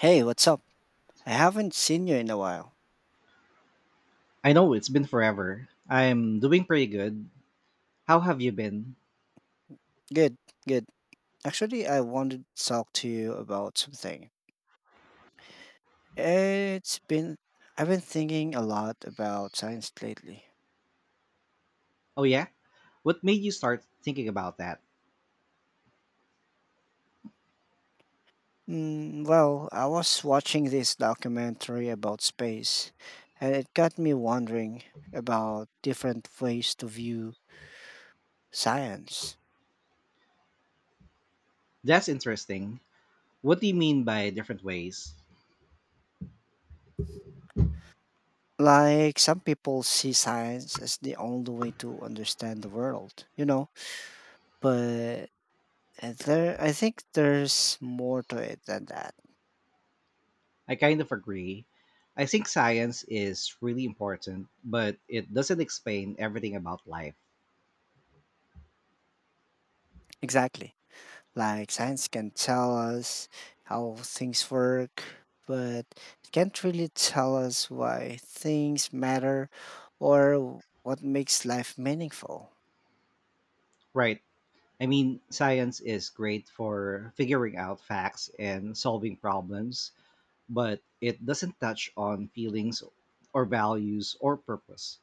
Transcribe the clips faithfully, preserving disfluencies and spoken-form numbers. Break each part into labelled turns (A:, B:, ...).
A: Hey, what's up? I haven't seen you in a while.
B: I know it's been forever. I'm doing pretty good. How have you been?
A: Good, good. Actually, I wanted to talk to you about something. It's been I've been thinking a lot about science lately.
B: Oh, yeah? What made you start thinking about that?
A: Mm, well, I was watching this documentary about space, and it got me wondering about different ways to view science.
B: That's interesting. What do you mean by different ways?
A: Like some people see science as the only way to understand the world, you know, but And there, I think there's more to it than that.
B: I kind of agree. I think science is really important, but it doesn't explain everything about life.
A: Exactly. Like science can tell us how things work, but it can't really tell us why things matter or what makes life meaningful.
B: Right. I mean, science is great for figuring out facts and solving problems, but it doesn't touch on feelings or values or purpose.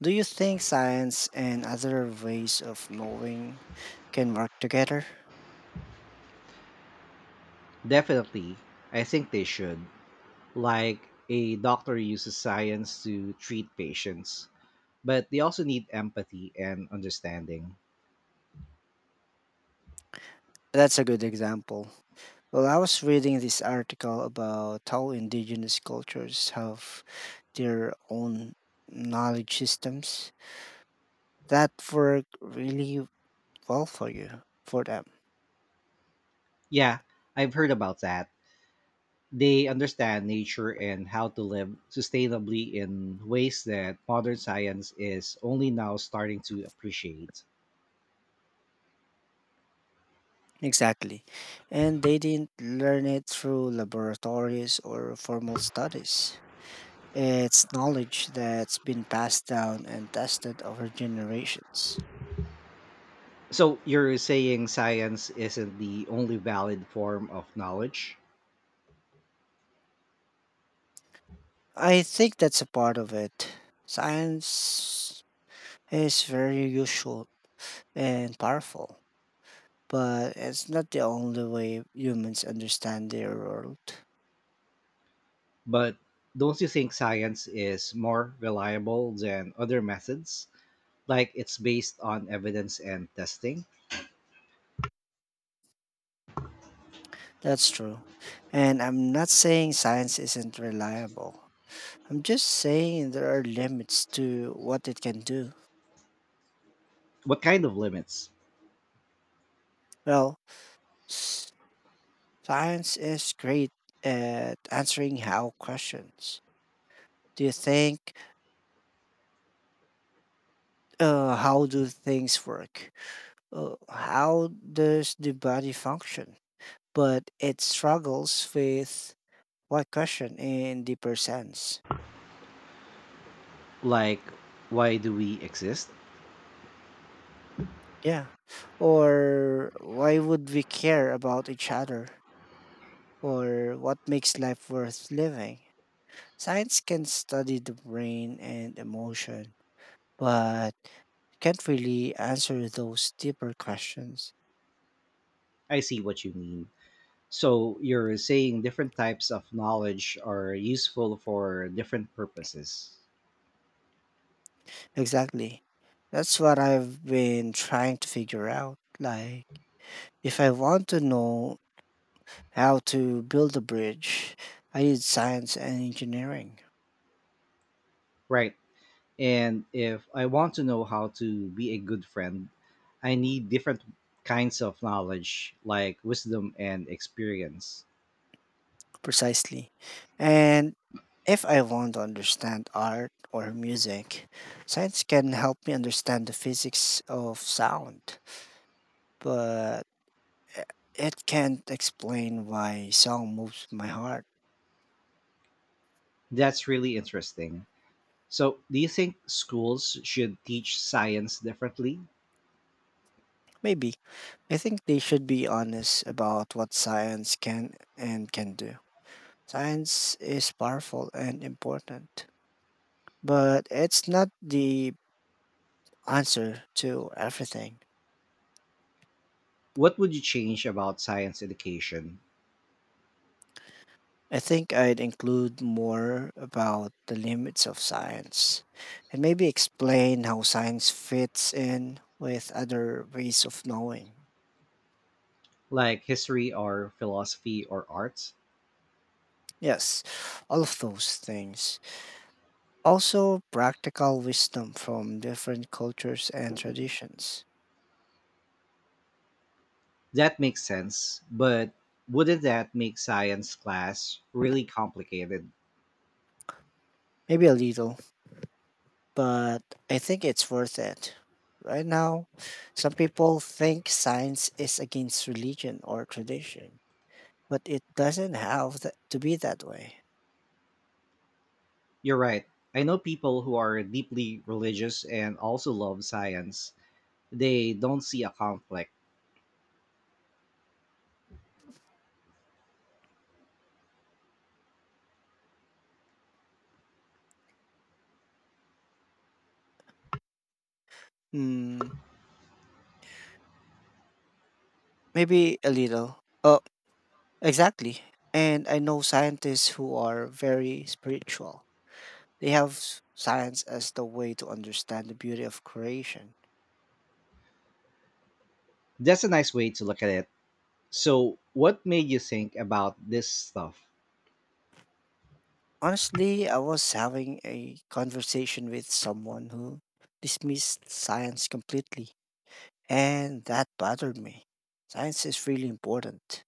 A: Do you think science and other ways of knowing can work together?
B: Definitely, I think they should. Like a doctor uses science to treat patients, but they also need empathy and understanding.
A: That's a good example. Well, I was reading this article about how indigenous cultures have their own knowledge systems that work really well for you, for them.
B: Yeah, I've heard about that. They understand nature and how to live sustainably in ways that modern science is only now starting to appreciate.
A: Exactly. And they didn't learn it through laboratories or formal studies. It's knowledge that's been passed down and tested over generations.
B: So, you're saying science isn't the only valid form of knowledge,
A: I think that's a part of it. Science is very useful and powerful, but it's not the only way humans understand their world.
B: but don't you think science is more reliable than other methods? Like it's based on evidence and testing.
A: That's true. And I'm not saying science isn't reliable. I'm just saying there are limits to what it can do.
B: What kind of limits?
A: Well, s- science is great at answering how questions. Do you think, uh, how do things work? Uh, how does the body function? But it struggles with what question in deeper sense.
B: Like, why do we exist?
A: Yeah. Or why would we care about each other? Or what makes life worth living? Science can study the brain and emotion, but can't really answer those deeper questions.
B: I see what you mean. So you're saying different types of knowledge are useful for different purposes.
A: Exactly. That's what I've been trying to figure out. Like, if I want to know how to build a bridge, I need science and engineering.
B: Right, and if I want to know how to be a good friend, I need different kinds of knowledge, like wisdom and experience.
A: Precisely. And if I want to understand art or music, science can help me understand the physics of sound, but i- it can't explain why song moves my heart.
B: That's really interesting. So, do you think schools should teach science differently?
A: Maybe. I think they should be honest about what science can and can do. Science is powerful and important, but it's not the answer to everything.
B: What would you change about science education,
A: I think I'd include more about the limits of science and maybe explain how science fits in with other ways of knowing.
B: like history or philosophy or arts?
A: Yes, all of those things. Also, practical wisdom from different cultures and traditions.
B: That makes sense, but wouldn't that make science class really complicated?
A: Maybe a little, but I think it's worth it. Right now, some people think science is against religion or tradition, but it doesn't have th- to be that way.
B: You're right. I know people who are deeply religious and also love science. They don't see a conflict.
A: Hmm, maybe a little. Oh, exactly. And I know scientists who are very spiritual. They have s- science as the way to understand the beauty of creation.
B: That's a nice way to look at it. So, what made you think about this stuff?
A: Honestly, I was having a conversation with someone who dismissed science completely, and that bothered me. Science is really important.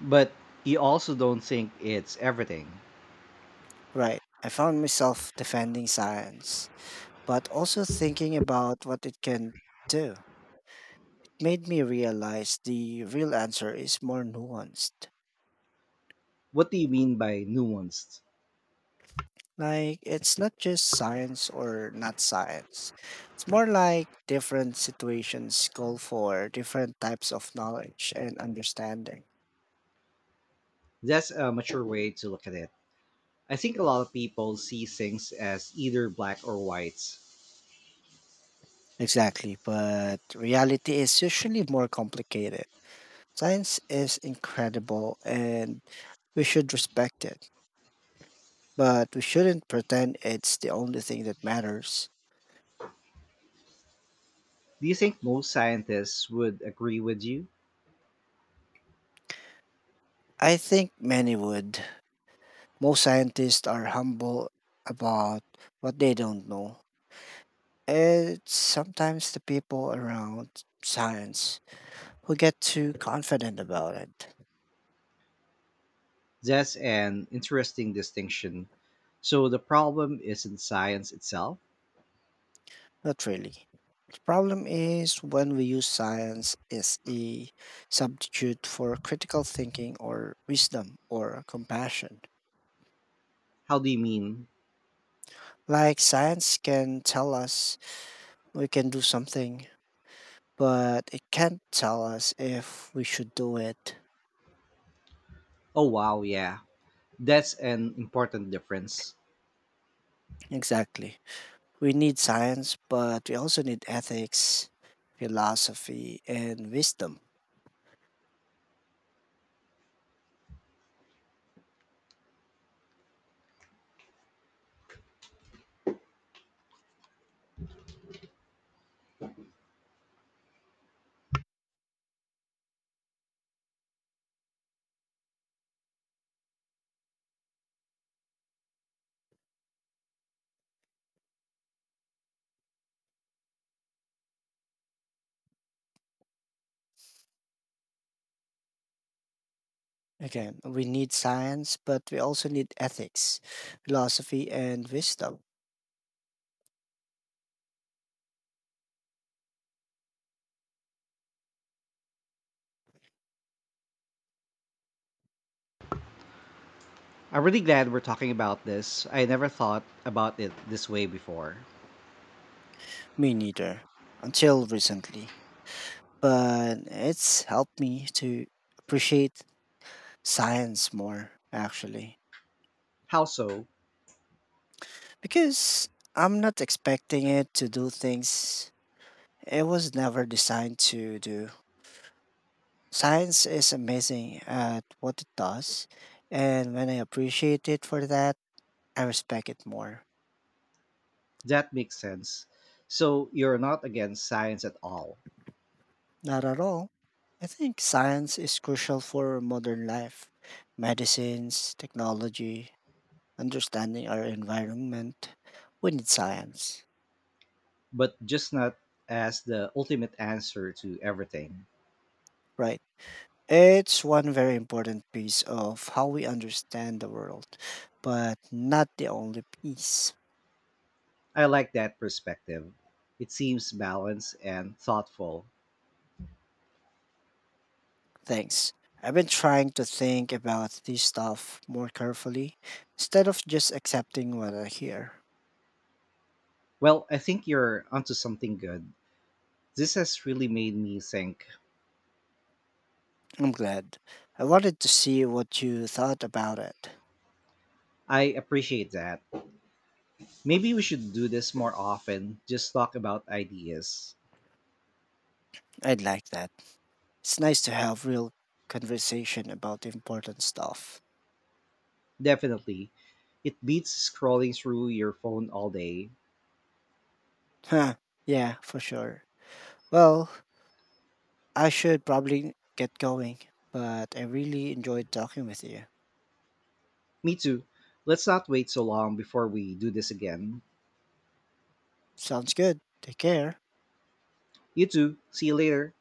B: But you also don't think it's everything.
A: Right. I found myself defending science, but also thinking about what it can do. made me realize the real answer is more nuanced.
B: What do you mean by nuanced?
A: Like, it's not just science or not science. It's more like different situations call for different types of knowledge and understanding.
B: That's a mature way to look at it. I think a lot of people see things as either black or white.
A: Exactly, but reality is usually more complicated. Science is incredible and we should respect it, but we shouldn't pretend it's the only thing that matters.
B: Do you think most scientists would agree with you?
A: I think many would. Most scientists are humble about what they don't know. It's sometimes the people around science who get too confident about it.
B: That's an interesting distinction. So, the problem isn't science itself?
A: Not really. The problem is when we use science as a substitute for critical thinking or wisdom or compassion.
B: How do you mean?
A: Like science can tell us we can do something, but it can't tell us if we should do it.
B: Oh, wow, yeah. That's an important difference.
A: Exactly. We need science, but we also need ethics, philosophy, and wisdom. Again, we need science, but we also need ethics, philosophy, and wisdom.
B: I'm really glad we're talking about this. I never thought about it this way before.
A: Me neither, until recently. But it's helped me to appreciate science more, actually,
B: How so?
A: because I'm not expecting it to do things it was never designed to do. Science is amazing at what it does, and when I appreciate it for that, I respect it more.
B: That makes sense. So you're not against science at all,
A: Not at all. I think science is crucial for modern life, medicines, technology, understanding our environment. We need science,
B: but just not as the ultimate answer to everything.
A: right? It's one very important piece of how we understand the world, but not the only piece.
B: I like that perspective. It seems balanced and thoughtful.
A: Thanks. I've been trying to think about this stuff more carefully instead of just accepting what I hear.
B: Well, I think you're onto something good. This has really made me think.
A: I'm glad. I wanted to see what you thought about it.
B: I appreciate that. Maybe we should do this more often, just talk about ideas.
A: I'd like that. It's nice to have real conversation about important stuff.
B: Definitely. It beats scrolling through your phone all day.
A: Huh. Yeah, for sure. Well, I should probably get going, but I really enjoyed talking with you.
B: Me too. Let's not wait so long before we do this again.
A: Sounds good. Take care.
B: You too. See you later.